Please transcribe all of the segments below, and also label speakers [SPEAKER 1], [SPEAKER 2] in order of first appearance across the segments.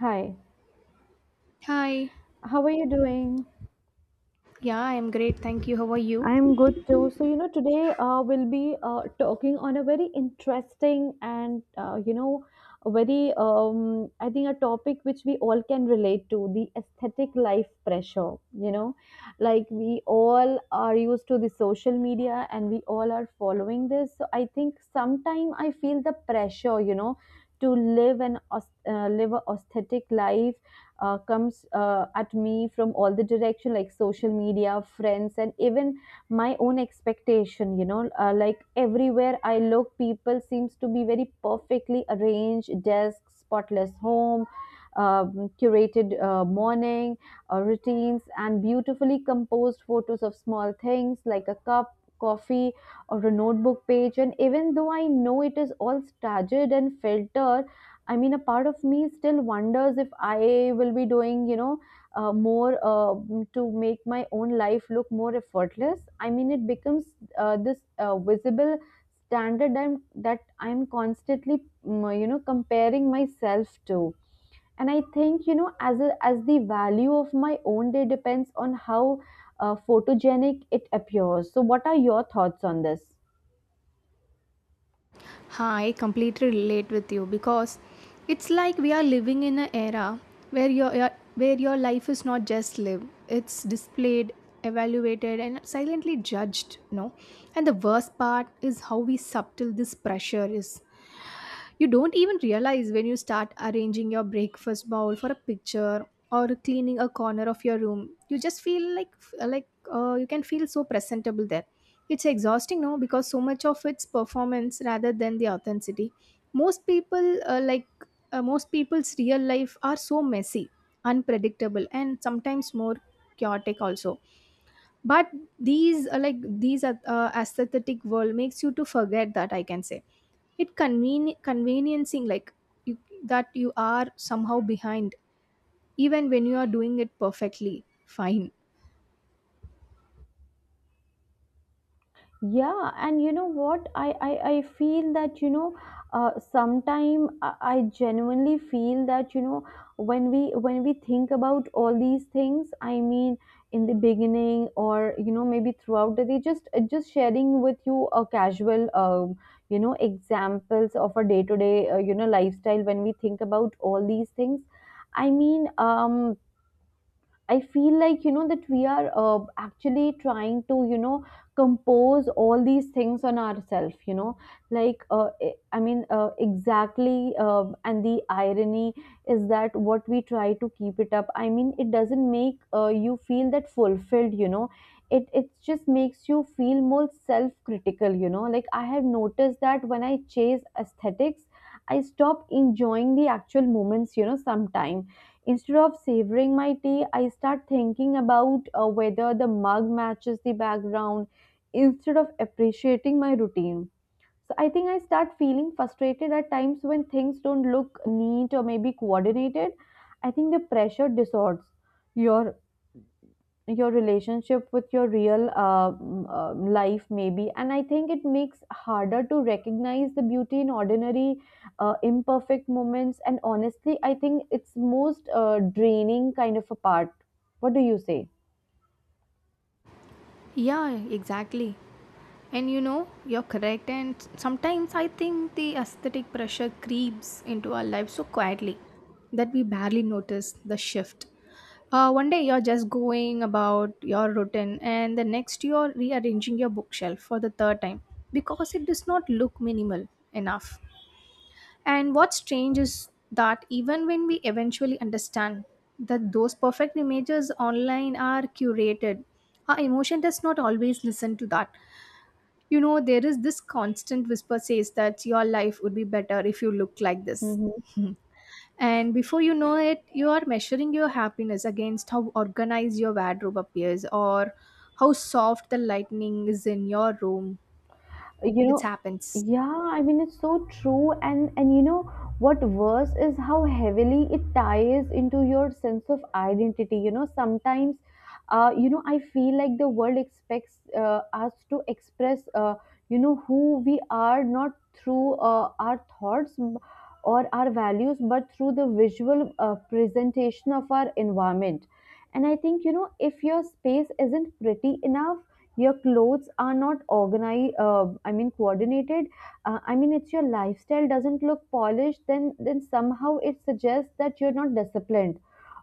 [SPEAKER 1] Hi,
[SPEAKER 2] Hi.
[SPEAKER 1] how are you doing?
[SPEAKER 2] Yeah, I'm great. Thank you. How are you?
[SPEAKER 1] I'm good too. So, today we'll be talking on a very interesting and a very, I think, a topic which we all can relate to the aesthetic life pressure. Like we all are used to the social media and we all are following this. So, I think sometime I feel the pressure, to live live a aesthetic life comes at me from all the direction, like social media, friends, and even my own expectation. Like everywhere I look, people seems to be very perfectly arranged desk, spotless home, curated morning routines, and beautifully composed photos of small things like a cup coffee or a notebook page. And even though I know it is all staggered and filtered, I mean, a part of me still wonders if I will be doing, more to make my own life look more effortless. I mean, it becomes this visible standard that I'm constantly comparing myself to. And I think, as as the value of my own day depends on how photogenic it appears. So, what are your thoughts on this?
[SPEAKER 2] Hi, completely relate with you because it's like we are living in an era where where your life is not just lived. It's displayed, evaluated and silently judged, no? And the worst part is how we subtle this pressure is. You don't even realize when you start arranging your breakfast bowl for a picture or cleaning a corner of your room. You just feel like you can feel so presentable there. It's exhausting, no, because so much of it's performance rather than the authenticity. Most people, most people's real life are so messy, unpredictable, and sometimes more chaotic also, but these are aesthetic world makes you to forget that, I can say. It conveniencing like you, that you are somehow behind even when you are doing it perfectly fine.
[SPEAKER 1] Yeah and what I feel that, sometime I genuinely feel that, when we think about all these things, I mean, in the beginning, or maybe throughout the day, just sharing with you a casual, examples of a day to day lifestyle. When we think about all these things, I mean, I feel like, that we are actually trying to, compose all these things on ourselves. Like I mean, exactly. And the irony is that what we try to keep it up. I mean, it doesn't make you feel that fulfilled. It just makes you feel more self-critical. Like I have noticed that when I chase aesthetics, I stop enjoying the actual moments. Sometime instead of savoring my tea, I start thinking about whether the mug matches the background instead of appreciating my routine. So I think I start feeling frustrated at times when things don't look neat or maybe coordinated. I think the pressure distorts your relationship with your real life, maybe. And I think it makes harder to recognize the beauty in ordinary imperfect moments. And honestly, I think it's most draining kind of a part. What do you say?
[SPEAKER 2] Yeah, exactly. And you know, you're correct. And sometimes I think the aesthetic pressure creeps into our lives so quietly that we barely notice the shift. One day you're just going about your routine, and the next you're rearranging your bookshelf for the third time because it does not look minimal enough. And what's strange is that even when we eventually understand that those perfect images online are curated, our emotion does not always listen to that. You know, there is this constant whisper says that your life would be better if you look like this. Hmm. And before you know it, you are measuring your happiness against how organized your wardrobe appears or how soft the lightning is in your room.
[SPEAKER 1] you
[SPEAKER 2] It
[SPEAKER 1] know
[SPEAKER 2] happens.
[SPEAKER 1] yeah, I mean, it's so true. And you know what worse is how heavily it ties into your sense of identity. Sometimes, I feel like the world expects us to express, who we are, not through our thoughts or our values, but through the visual presentation of our environment. And I think, if your space isn't pretty enough, your clothes are not organized, I mean, coordinated, I mean, it's your lifestyle doesn't look polished, then somehow it suggests that you're not disciplined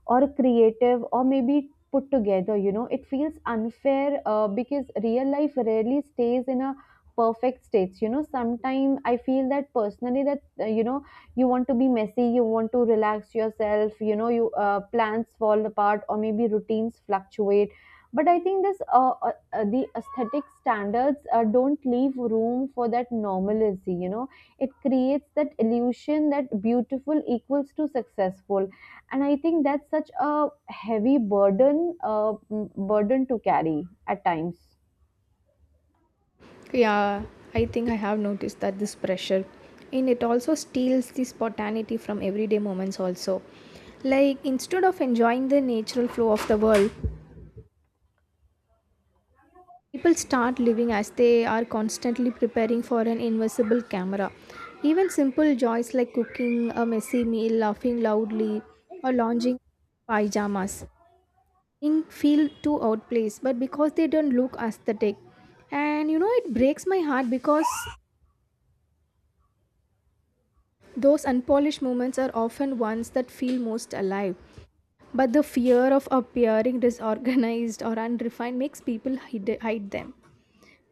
[SPEAKER 1] or creative or maybe put together. It feels unfair, because real life rarely stays in a perfect states. Sometimes I feel that personally, that, you want to be messy, you want to relax yourself. You plans fall apart or maybe routines fluctuate. But I think this, the aesthetic standards don't leave room for that normalcy. It creates that illusion that beautiful equals to successful. And I think that's such a heavy burden to carry at times.
[SPEAKER 2] Yeah, I think I have noticed that this pressure and it also steals the spontaneity from everyday moments also. Like instead of enjoying the natural flow of the world, people start living as they are constantly preparing for an invisible camera. Even simple joys like cooking a messy meal, laughing loudly, or lounging pajamas in feel too outplaced, but because they don't look aesthetic. And you know, it breaks my heart because those unpolished moments are often ones that feel most alive. But the fear of appearing disorganized or unrefined makes people hide them.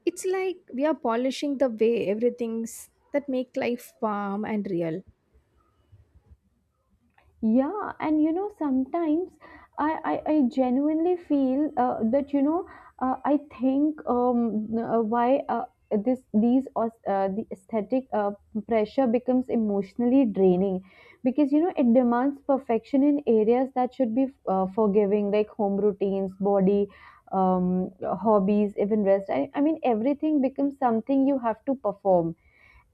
[SPEAKER 2] It's like we are polishing the way everything's that make life warm and real.
[SPEAKER 1] Yeah, and, sometimes, I genuinely feel that, I think, why, the aesthetic pressure becomes emotionally draining because, it demands perfection in areas that should be forgiving, like home routines, body, hobbies, even rest. I mean, everything becomes something you have to perform.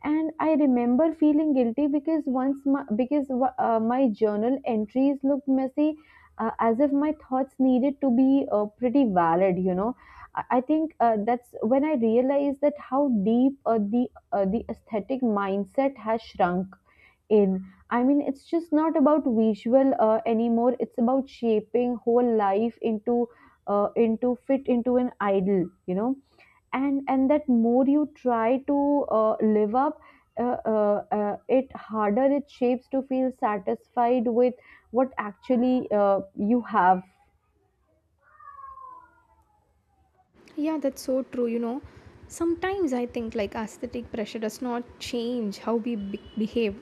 [SPEAKER 1] And I remember feeling guilty because my journal entries looked messy, as if my thoughts needed to be pretty valid. I think that's when I realized that how deep, the aesthetic mindset has shrunk in. I mean, it's just not about visual anymore. It's about shaping whole life into, fit into an idol. And that more you try to live up, it harder it shapes to feel satisfied with what actually you have.
[SPEAKER 2] Yeah, that's so true. You know, sometimes I think like aesthetic pressure does not change how we behave.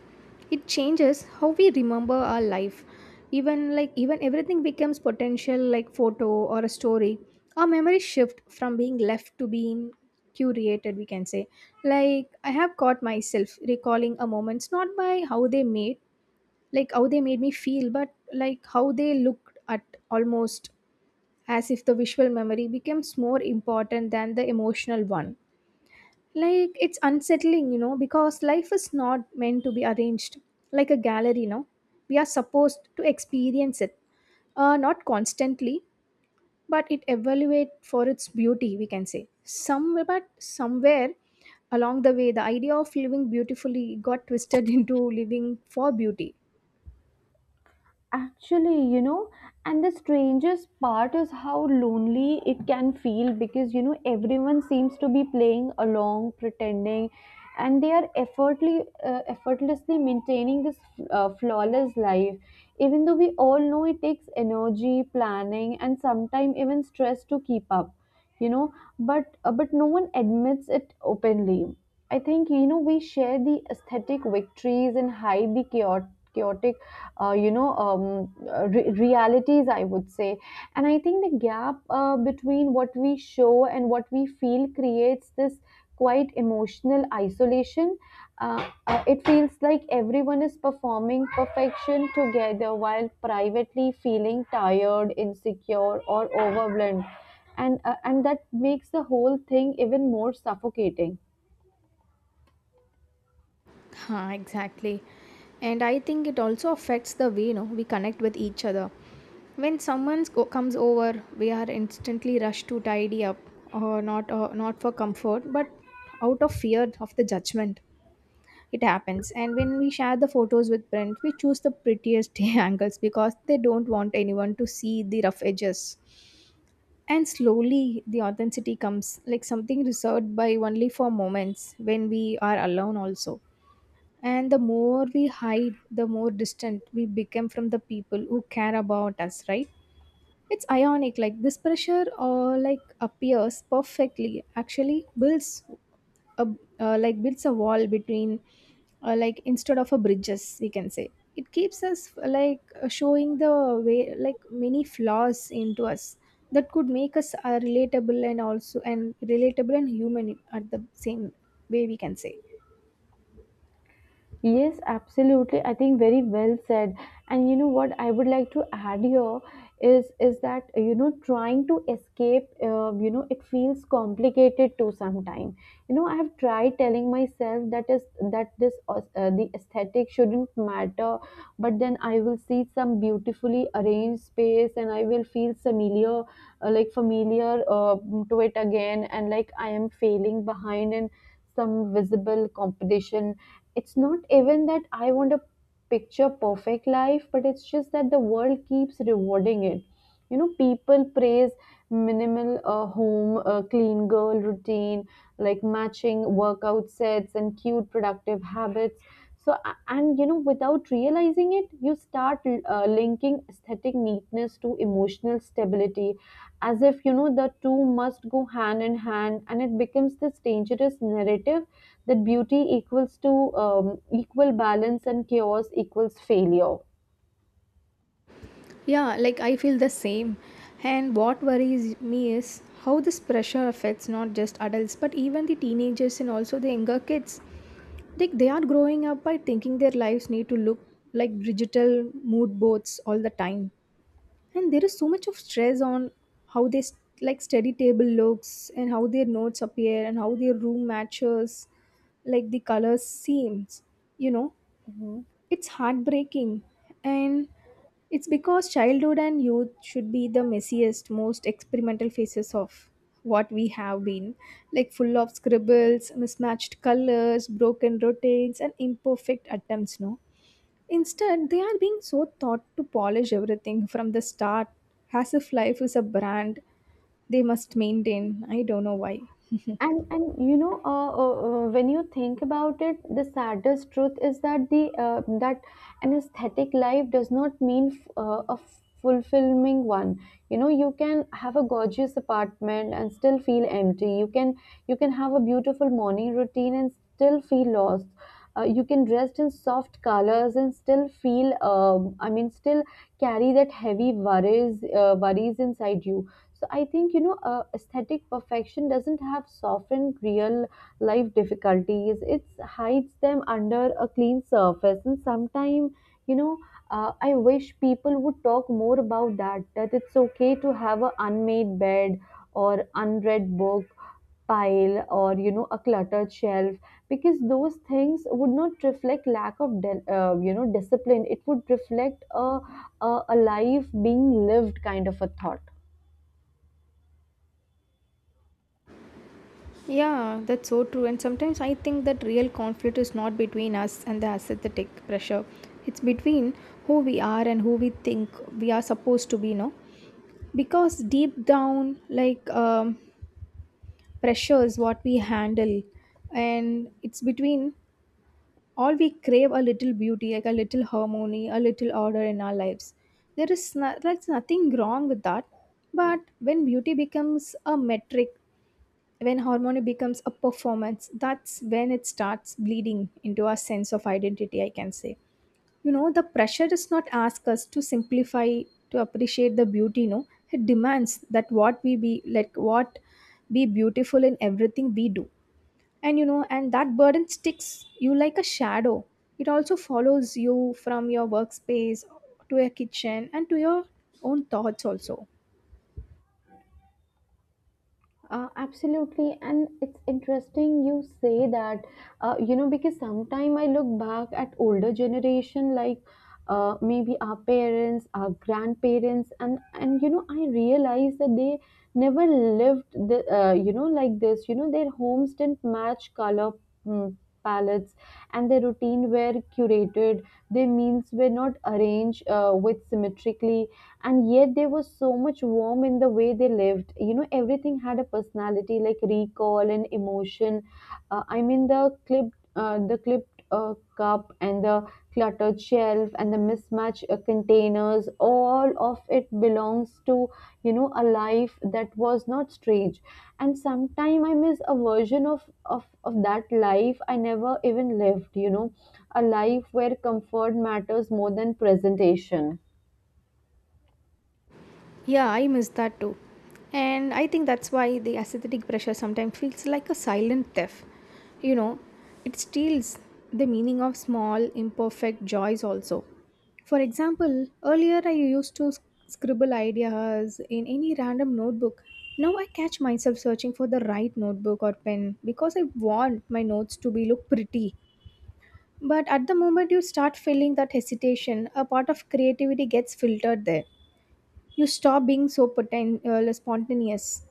[SPEAKER 2] It changes how we remember our life. Even like even everything becomes potential like photo or a story. Our memory shift from being left to being curated, we can say. Like I have caught myself recalling a moments not by how they made me feel, but like how they looked at, almost as if the visual memory becomes more important than the emotional one. Like it's unsettling, you know, because life is not meant to be arranged like a gallery, no? We are supposed to experience it, not constantly, but it evaluate for its beauty, we can say. Somewhere along the way, the idea of living beautifully got twisted into living for beauty.
[SPEAKER 1] Actually, and the strangest part is how lonely it can feel because, everyone seems to be playing along, pretending, and they are effortlessly maintaining this flawless life. Even though we all know it takes energy, planning, and sometimes even stress to keep up, but no one admits it openly. I think, we share the aesthetic victories and hide the chaotic, realities, I would say. And I think the gap, between what we show and what we feel, creates this quite emotional isolation. It feels like everyone is performing perfection together while privately feeling tired, insecure, or overwhelmed. And that makes the whole thing even more suffocating.
[SPEAKER 2] Huh, exactly. And I think it also affects the way, you know, we connect with each other. When someone comes over, we are instantly rushed to tidy up, or not, not for comfort, but out of fear of the judgment. It happens. And when we share the photos with friends, we choose the prettiest angles because they don't want anyone to see the rough edges. And slowly the authenticity comes, like something reserved by only for moments when we are alone, also. And the more we hide, the more distant we become from the people who care about us, right? It's ionic, like this pressure or like appears perfectly, actually builds a, like builds a wall between, like instead of a bridges, we can say it keeps us like showing the way like many flaws into us that could make us relatable and also, and relatable and human at the same way, we can say.
[SPEAKER 1] Yes, absolutely. I think very well said. And you know what I would like to add here is that, trying to escape, it feels complicated to sometime. I have tried telling myself that is that this, the aesthetic shouldn't matter, but then I will see some beautifully arranged space and I will feel familiar to it again, and like I am failing behind in some visible competition. It's not even that I want a picture perfect life, but it's just that the world keeps rewarding it. People praise minimal home, clean girl routine, like matching workout sets and cute productive habits. So, and without realizing it, you start linking aesthetic neatness to emotional stability, as if the two must go hand in hand, and it becomes this dangerous narrative that beauty equals to, equal balance, and chaos equals failure.
[SPEAKER 2] Yeah, like I feel the same. And what worries me is how this pressure affects not just adults but even the teenagers and also the younger kids. Like they are growing up by thinking their lives need to look like digital mood boards all the time. And there is so much of stress on how like study table looks and how their notes appear and how their room matches like the colors seems. You know,
[SPEAKER 1] Hmm.
[SPEAKER 2] it's heartbreaking, and it's because childhood and youth should be the messiest, most experimental phases of what we have been, like full of scribbles, mismatched colors, broken routines, and imperfect attempts. No, instead, they are being so taught to polish everything from the start, as if life is a brand they must maintain. I don't know why.
[SPEAKER 1] And when you think about it, the saddest truth is that the that an aesthetic life does not mean a fulfilling one. You can have a gorgeous apartment and still feel empty. You can, have a beautiful morning routine and still feel lost. You can dress in soft colors and still feel, I mean, still carry that heavy, worries inside you. So I think, aesthetic perfection doesn't have softened real life difficulties. It hides them under a clean surface. And sometimes, you know I wish people would talk more about that, that it's okay to have an unmade bed or unread book pile, or a cluttered shelf, because those things would not reflect lack of discipline. It would reflect a life being lived, kind of a thought.
[SPEAKER 2] Yeah, that's so true. And sometimes I think that real conflict is not between us and the aesthetic pressure. It's between who we are and who we think we are supposed to be, no? Because deep down, pressure is what we handle, and it's between all we crave a little beauty, like a little harmony, a little order in our lives. There is no, like nothing wrong with that, but when beauty becomes a metric, when harmony becomes a performance, that's when it starts bleeding into our sense of identity, I can say. You know, the pressure does not ask us to simplify, to appreciate the beauty, no. It demands that what we be like, what be beautiful in everything we do. And you know, and that burden sticks you like a shadow. It also follows you from your workspace to your kitchen and to your own thoughts also.
[SPEAKER 1] Absolutely, and it's interesting you say that, because sometime I look back at older generation, like, maybe our parents, our grandparents, and I realize that they never lived like this. Their homes didn't match color Hmm palettes, and their routine were curated, their meals were not arranged with symmetrically. And yet there was so much warmth in the way they lived. Everything had a personality, like recall and emotion. I mean, the clip cup, and the cluttered shelf, and the mismatched containers, all of it belongs to, a life that was not strange. And sometime I miss a version of that life I never even lived. A life where comfort matters more than presentation.
[SPEAKER 2] Yeah, I miss that too. And I think that's why the aesthetic pressure sometimes feels like a silent theft. You know, it steals the meaning of small, imperfect joys also. For example, earlier I used to scribble ideas in any random notebook. Now I catch myself searching for the right notebook or pen because I want my notes to be look pretty. But at the moment you start feeling that hesitation, a part of creativity gets filtered there. You stop being so like, spontaneous.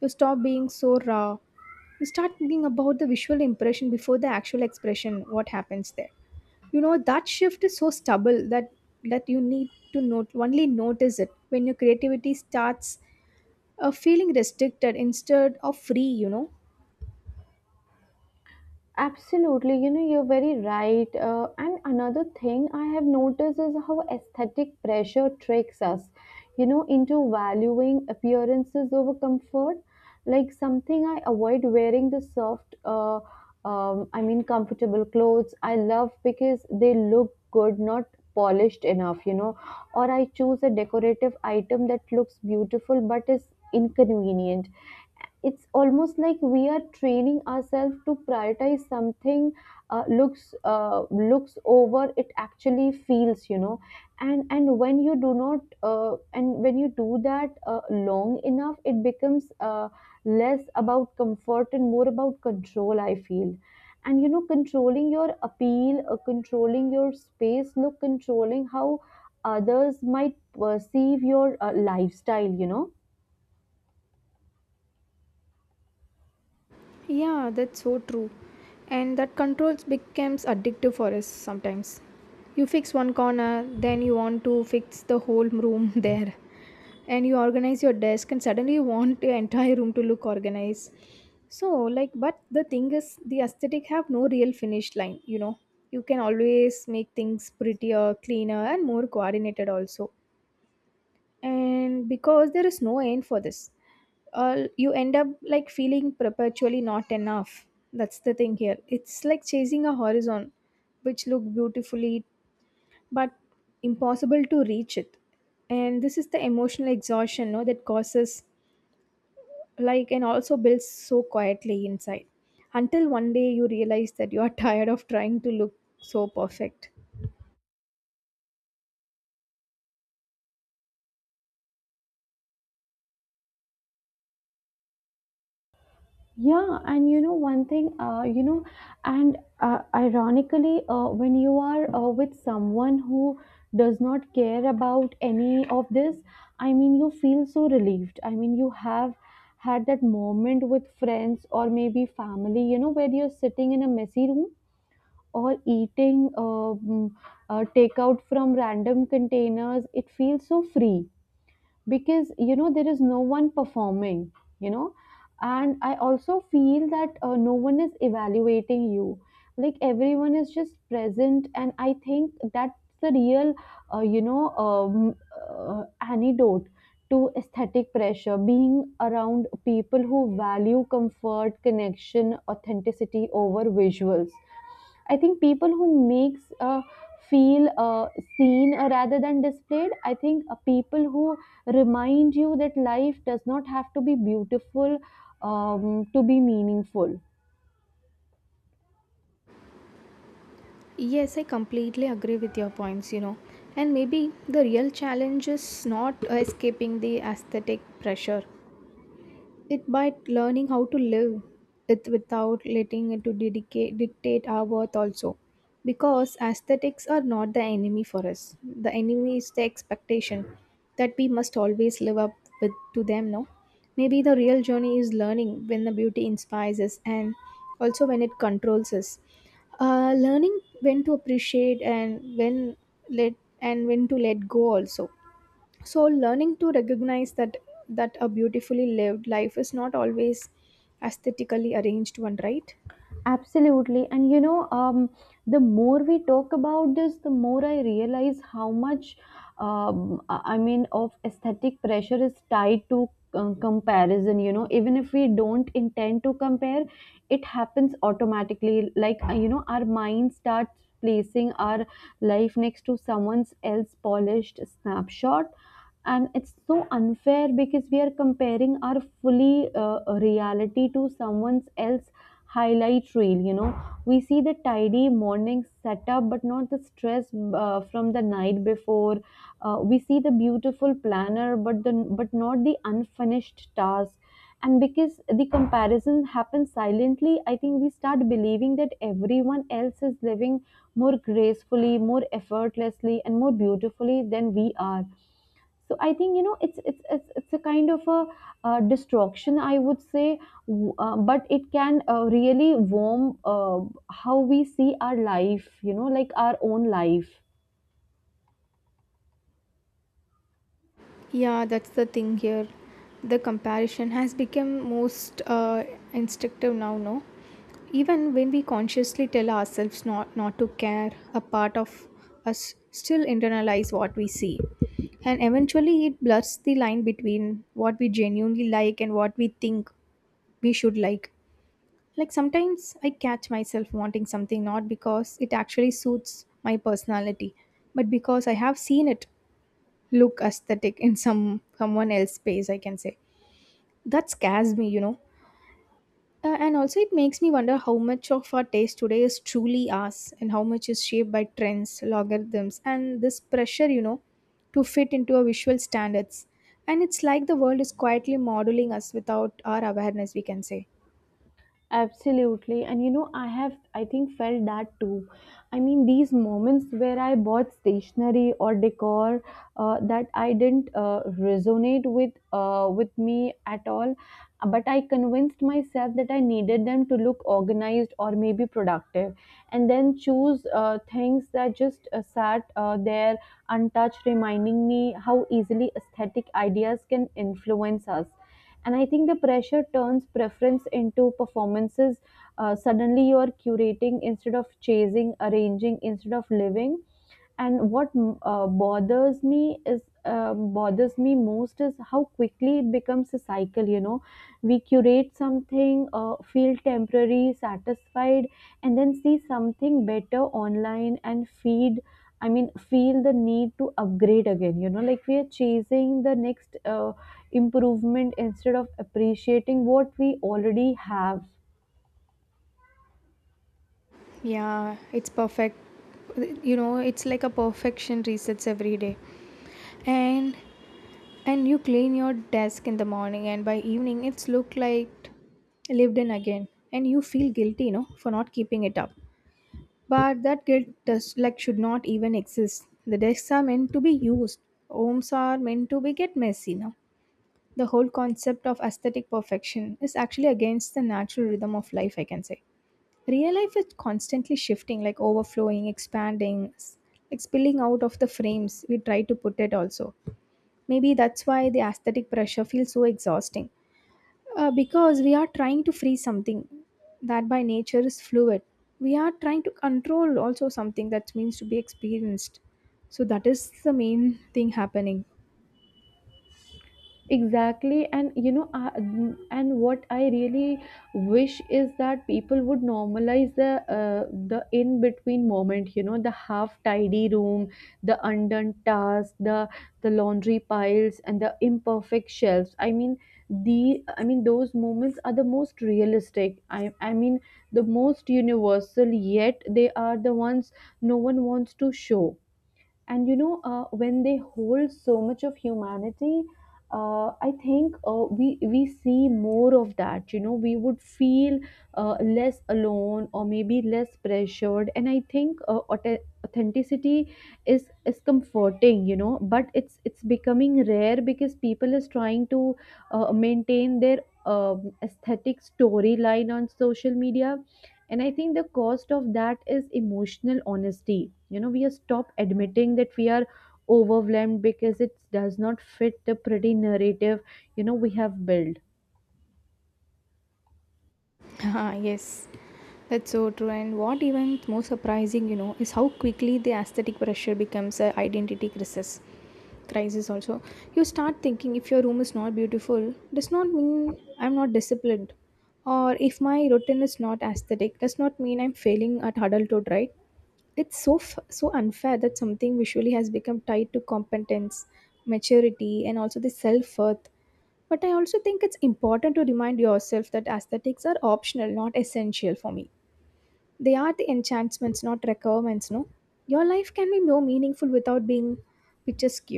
[SPEAKER 2] You stop being so raw. You start thinking about the visual impression before the actual expression, what happens there. You know, that shift is so stubble that that you need to note only notice it when your creativity starts feeling restricted instead of free, you know.
[SPEAKER 1] Absolutely, you're very right. And another thing I have noticed is how aesthetic pressure tricks us, into valuing appearances over comfort. Like something I avoid wearing the soft, I mean, comfortable clothes I love because they look good, not polished enough. Or I choose a decorative item that looks beautiful but is inconvenient. It's almost like we are training ourselves to prioritize something looks looks over it actually feels. And when you do that long enough, it becomes less about comfort and more about control, I feel. And you know, controlling your appeal, controlling your space look, controlling how others might perceive your lifestyle, you know.
[SPEAKER 2] Yeah, that's so true. And that control becomes addictive for us sometimes. You fix one corner, then you want to fix the whole room there. And you organize your desk, and suddenly you want the entire room to look organized. So, like, but the thing is, the aesthetic have no real finish line, you know. You can always make things prettier, cleaner, and more coordinated also. And because there is no end for this, you end up like feeling perpetually not enough. That's the thing here, it's like chasing a horizon which look beautifully but impossible to reach it. And this is the emotional exhaustion, no, that causes like and also builds so quietly inside until one day you realize that you are tired of trying to look so perfect.
[SPEAKER 1] Yeah, and you know one thing, you know, and ironically, when you are with someone who does not care about any of this, I mean, you feel so relieved. I mean, you have had that moment with friends or maybe family, you know, where you're sitting in a messy room or eating takeout from random containers. It feels so free because you know there is no one performing, you know. And I also feel that no one is evaluating you. Like, everyone is just present, and I think that's the real uh, you know um, antidote to aesthetic pressure: being around people who value comfort, connection, authenticity over visuals. I think people who makes feel seen rather than displayed. I think people who remind you that life does not have to be beautiful to be meaningful.
[SPEAKER 2] Yes, I completely agree with your points, you know. And maybe the real challenge is not escaping the aesthetic pressure, it by learning how to live it without letting it to dictate our worth also. Because aesthetics are not the enemy for us. The enemy is the expectation that we must always live up with to them, no? Maybe the real journey is learning when the beauty inspires us, and also when it controls us. Learning when to appreciate and when let and when to let go also. So learning to recognize that a beautifully lived life is not always aesthetically arranged one, right?
[SPEAKER 1] Absolutely. And you know, the more we talk about this, the more I realize how much, I mean, of aesthetic pressure is tied to comparison. You know, even if we don't intend to compare, it happens automatically. Like, you know, our mind starts placing our life next to someone's else polished snapshot. And it's so unfair because we are comparing our fully reality to someone's else highlight reel, you know. We see the tidy morning setup but not the stress from the night before. We see the beautiful planner but not the unfinished task. And because the comparison happens silently, I think we start believing that everyone else is living more gracefully, more effortlessly, and more beautifully than we are. So I think, you know, it's a kind of a distraction, I would say, but it can really warm how we see our life, you know, like our own life.
[SPEAKER 2] Yeah, that's the thing here. The comparison has become most instinctive now, no? Even when we consciously tell ourselves not to care, a part of us still internalize what we see, and eventually it blurs the line between what we genuinely like and what we think we should like. Like sometimes I catch myself wanting something not because it actually suits my personality, but because I have seen it look aesthetic in someone else's space, I can say. That scares me, you know. And also it makes me wonder how much of our taste today is truly us and how much is shaped by trends, logarithms and this pressure, you know, to fit into our visual standards. And it's like the world is quietly modeling us without our awareness, we can say.
[SPEAKER 1] Absolutely. And you know, I have, I think, felt that too. I mean, these moments where I bought stationery or decor that I didn't resonate with, with me at all, but I convinced myself that I needed them to look organized or maybe productive, and then choose things that just sat there untouched, reminding me how easily aesthetic ideas can influence us. And I think the pressure turns preference into performances. Suddenly you are curating instead of chasing, arranging instead of living. And what bothers me most is how quickly it becomes a cycle. You know, we curate something, feel temporary satisfied, and then see something better online and feed. I mean, feel the need to upgrade again. You know, like we are chasing the next improvement instead of appreciating what we already have.
[SPEAKER 2] Yeah, it's perfect. You know, it's like a perfection resets every day. And and you clean your desk in the morning and by evening it's looked like lived in again. And you feel guilty, you know, for not keeping it up. But that guilt does like should not even exist. The desks are meant to be used. Homes are meant to be get messy now. The whole concept of aesthetic perfection is actually against the natural rhythm of life, I can say real life is constantly shifting like overflowing expanding like spilling out of the frames we try to put it also maybe that's why the aesthetic pressure feels so exhausting because we are trying to free something that by nature is fluid, we are trying to control also something that means to be experienced. So that is the main thing happening.
[SPEAKER 1] Exactly, and you know, I, and what I really wish is that people would normalize the in between moment. You know, the half tidy room, the undone task, the laundry piles, and the imperfect shelves. I mean, the I mean those moments are the most realistic. I mean the most universal. Yet they are the ones no one wants to show. And you know, when they hold so much of humanity, I think we see more of that, you know, we would feel less alone or maybe less pressured. And I think, authenticity is comforting, you know, but it's becoming rare because people is trying to maintain their aesthetic storyline on social media. And I think the cost of that is emotional honesty. You know, we are stop admitting that we are overwhelmed because it does not fit the pretty narrative, you know, we have built.
[SPEAKER 2] Ah, yes, that's so true. And what even more surprising, you know, is how quickly the aesthetic pressure becomes a identity crisis. Crisis also. You start thinking if your room is not beautiful, does not mean I'm not disciplined, or if my routine is not aesthetic, does not mean I'm failing at adulthood, right? It's so so unfair that something visually has become tied to competence, maturity, and also the self worth, but I also think it's important to remind yourself that aesthetics are optional, not essential for me. They are the enchantments, not requirements, no? Your life can be more meaningful without being picturesque.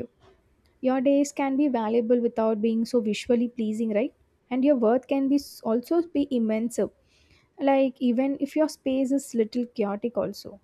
[SPEAKER 2] Your days can be valuable without being so visually pleasing, right? And your worth can be also be immense. Like even if your space is little chaotic also.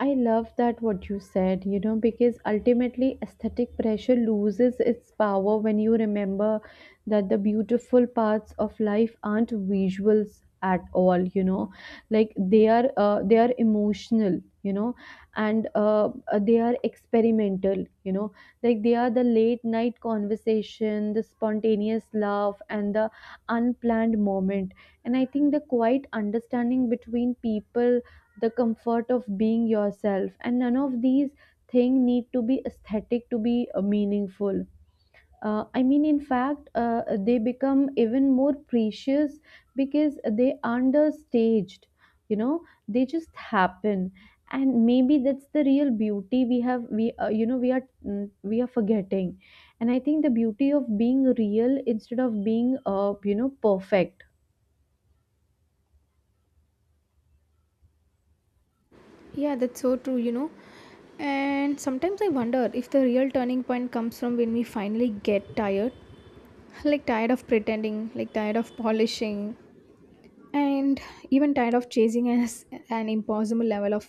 [SPEAKER 1] I love that what you said, you know, because ultimately aesthetic pressure loses its power when you remember that the beautiful parts of life aren't visuals at all, you know, like they are emotional, you know, and they are experimental, you know, like they are the late night conversation, the spontaneous laugh, and the unplanned moment. And I think the quiet understanding between people, the comfort of being yourself, and none of these things need to be aesthetic to be meaningful. I mean, in fact, they become even more precious because they aren't staged, you know. They just happen. And maybe that's the real beauty we have, we you know, we are forgetting. And I think the beauty of being real instead of being, you know, perfect.
[SPEAKER 2] Yeah, that's so true, you know. And sometimes I wonder if the real turning point comes from when we finally get tired, like tired of pretending, like tired of polishing, and even tired of chasing as an impossible level of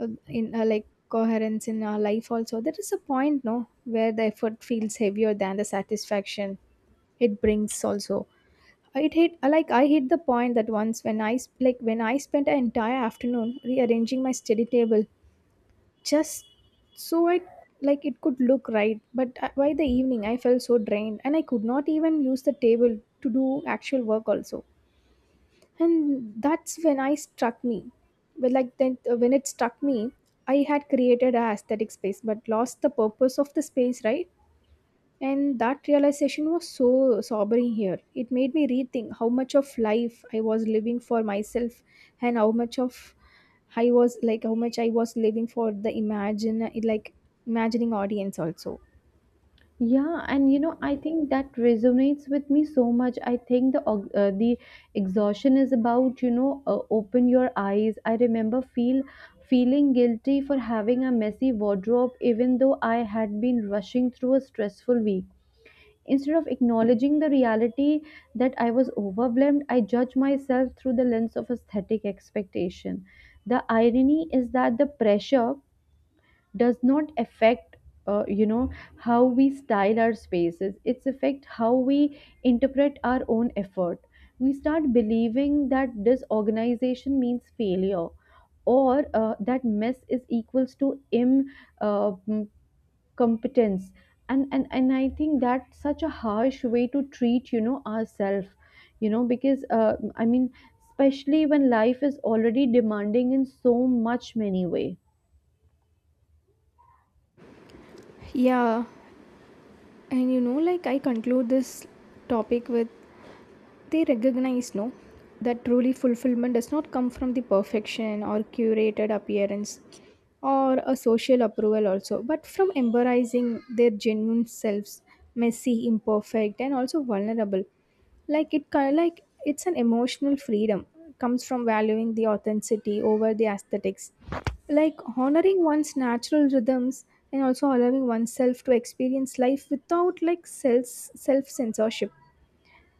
[SPEAKER 2] in like coherence in our life. Also, there is a point, no, where the effort feels heavier than the satisfaction it brings. Also, it hit like I hit the point that once when I like when I spent an entire afternoon rearranging my study table just so it like it could look right but by the evening I felt so drained and I could not even use the table to do actual work also. And that's when I struck me, but like then when it struck me I had created a aesthetic space but lost the purpose of the space, right? And that realization was so sobering here. It made me rethink how much of life I was living for myself and how much of I was like how much I was living for the imagine like imagining audience also.
[SPEAKER 1] Yeah, and you know, I think that resonates with me so much. I think the exhaustion is about, you know, open your eyes. I remember feeling guilty for having a messy wardrobe even though I had been rushing through a stressful week. Instead of acknowledging the reality that I was overwhelmed, I judge myself through the lens of aesthetic expectation. The irony is that the pressure does not affect you know how we style our spaces, it's affect how we interpret our own effort. We start believing that disorganization means failure, or that mess is equals to uh, mm, competence. And I think that's such a harsh way to treat, you know, ourselves, you know, because I mean, especially when life is already demanding in so much many way.
[SPEAKER 2] Yeah, and you know like I conclude this topic with, they recognize no that truly fulfillment does not come from the perfection or curated appearance or a social approval also, but from embracing their genuine selves, messy, imperfect, and also vulnerable. Like it kind like it's an emotional freedom comes from valuing the authenticity over the aesthetics, like honoring one's natural rhythms and also allowing oneself to experience life without like self censorship,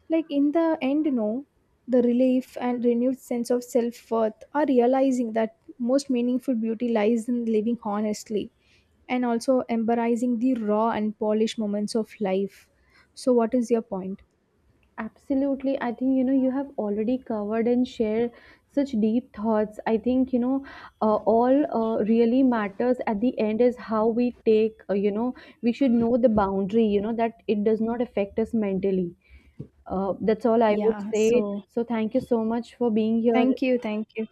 [SPEAKER 2] like in the end, no, the relief and renewed sense of self worth are realizing that most meaningful beauty lies in living honestly and also embracing the raw and polished moments of life. So, what is your point?
[SPEAKER 1] Absolutely. I think, you know, you have already covered and shared such deep thoughts. I think, you know, all really matters at the end is how we take, you know, we should know the boundary, you know, that it does not affect us mentally. That's all I would
[SPEAKER 2] Yeah,
[SPEAKER 1] say.
[SPEAKER 2] so
[SPEAKER 1] So, thank you so much for being here.
[SPEAKER 2] thank you. Thank you.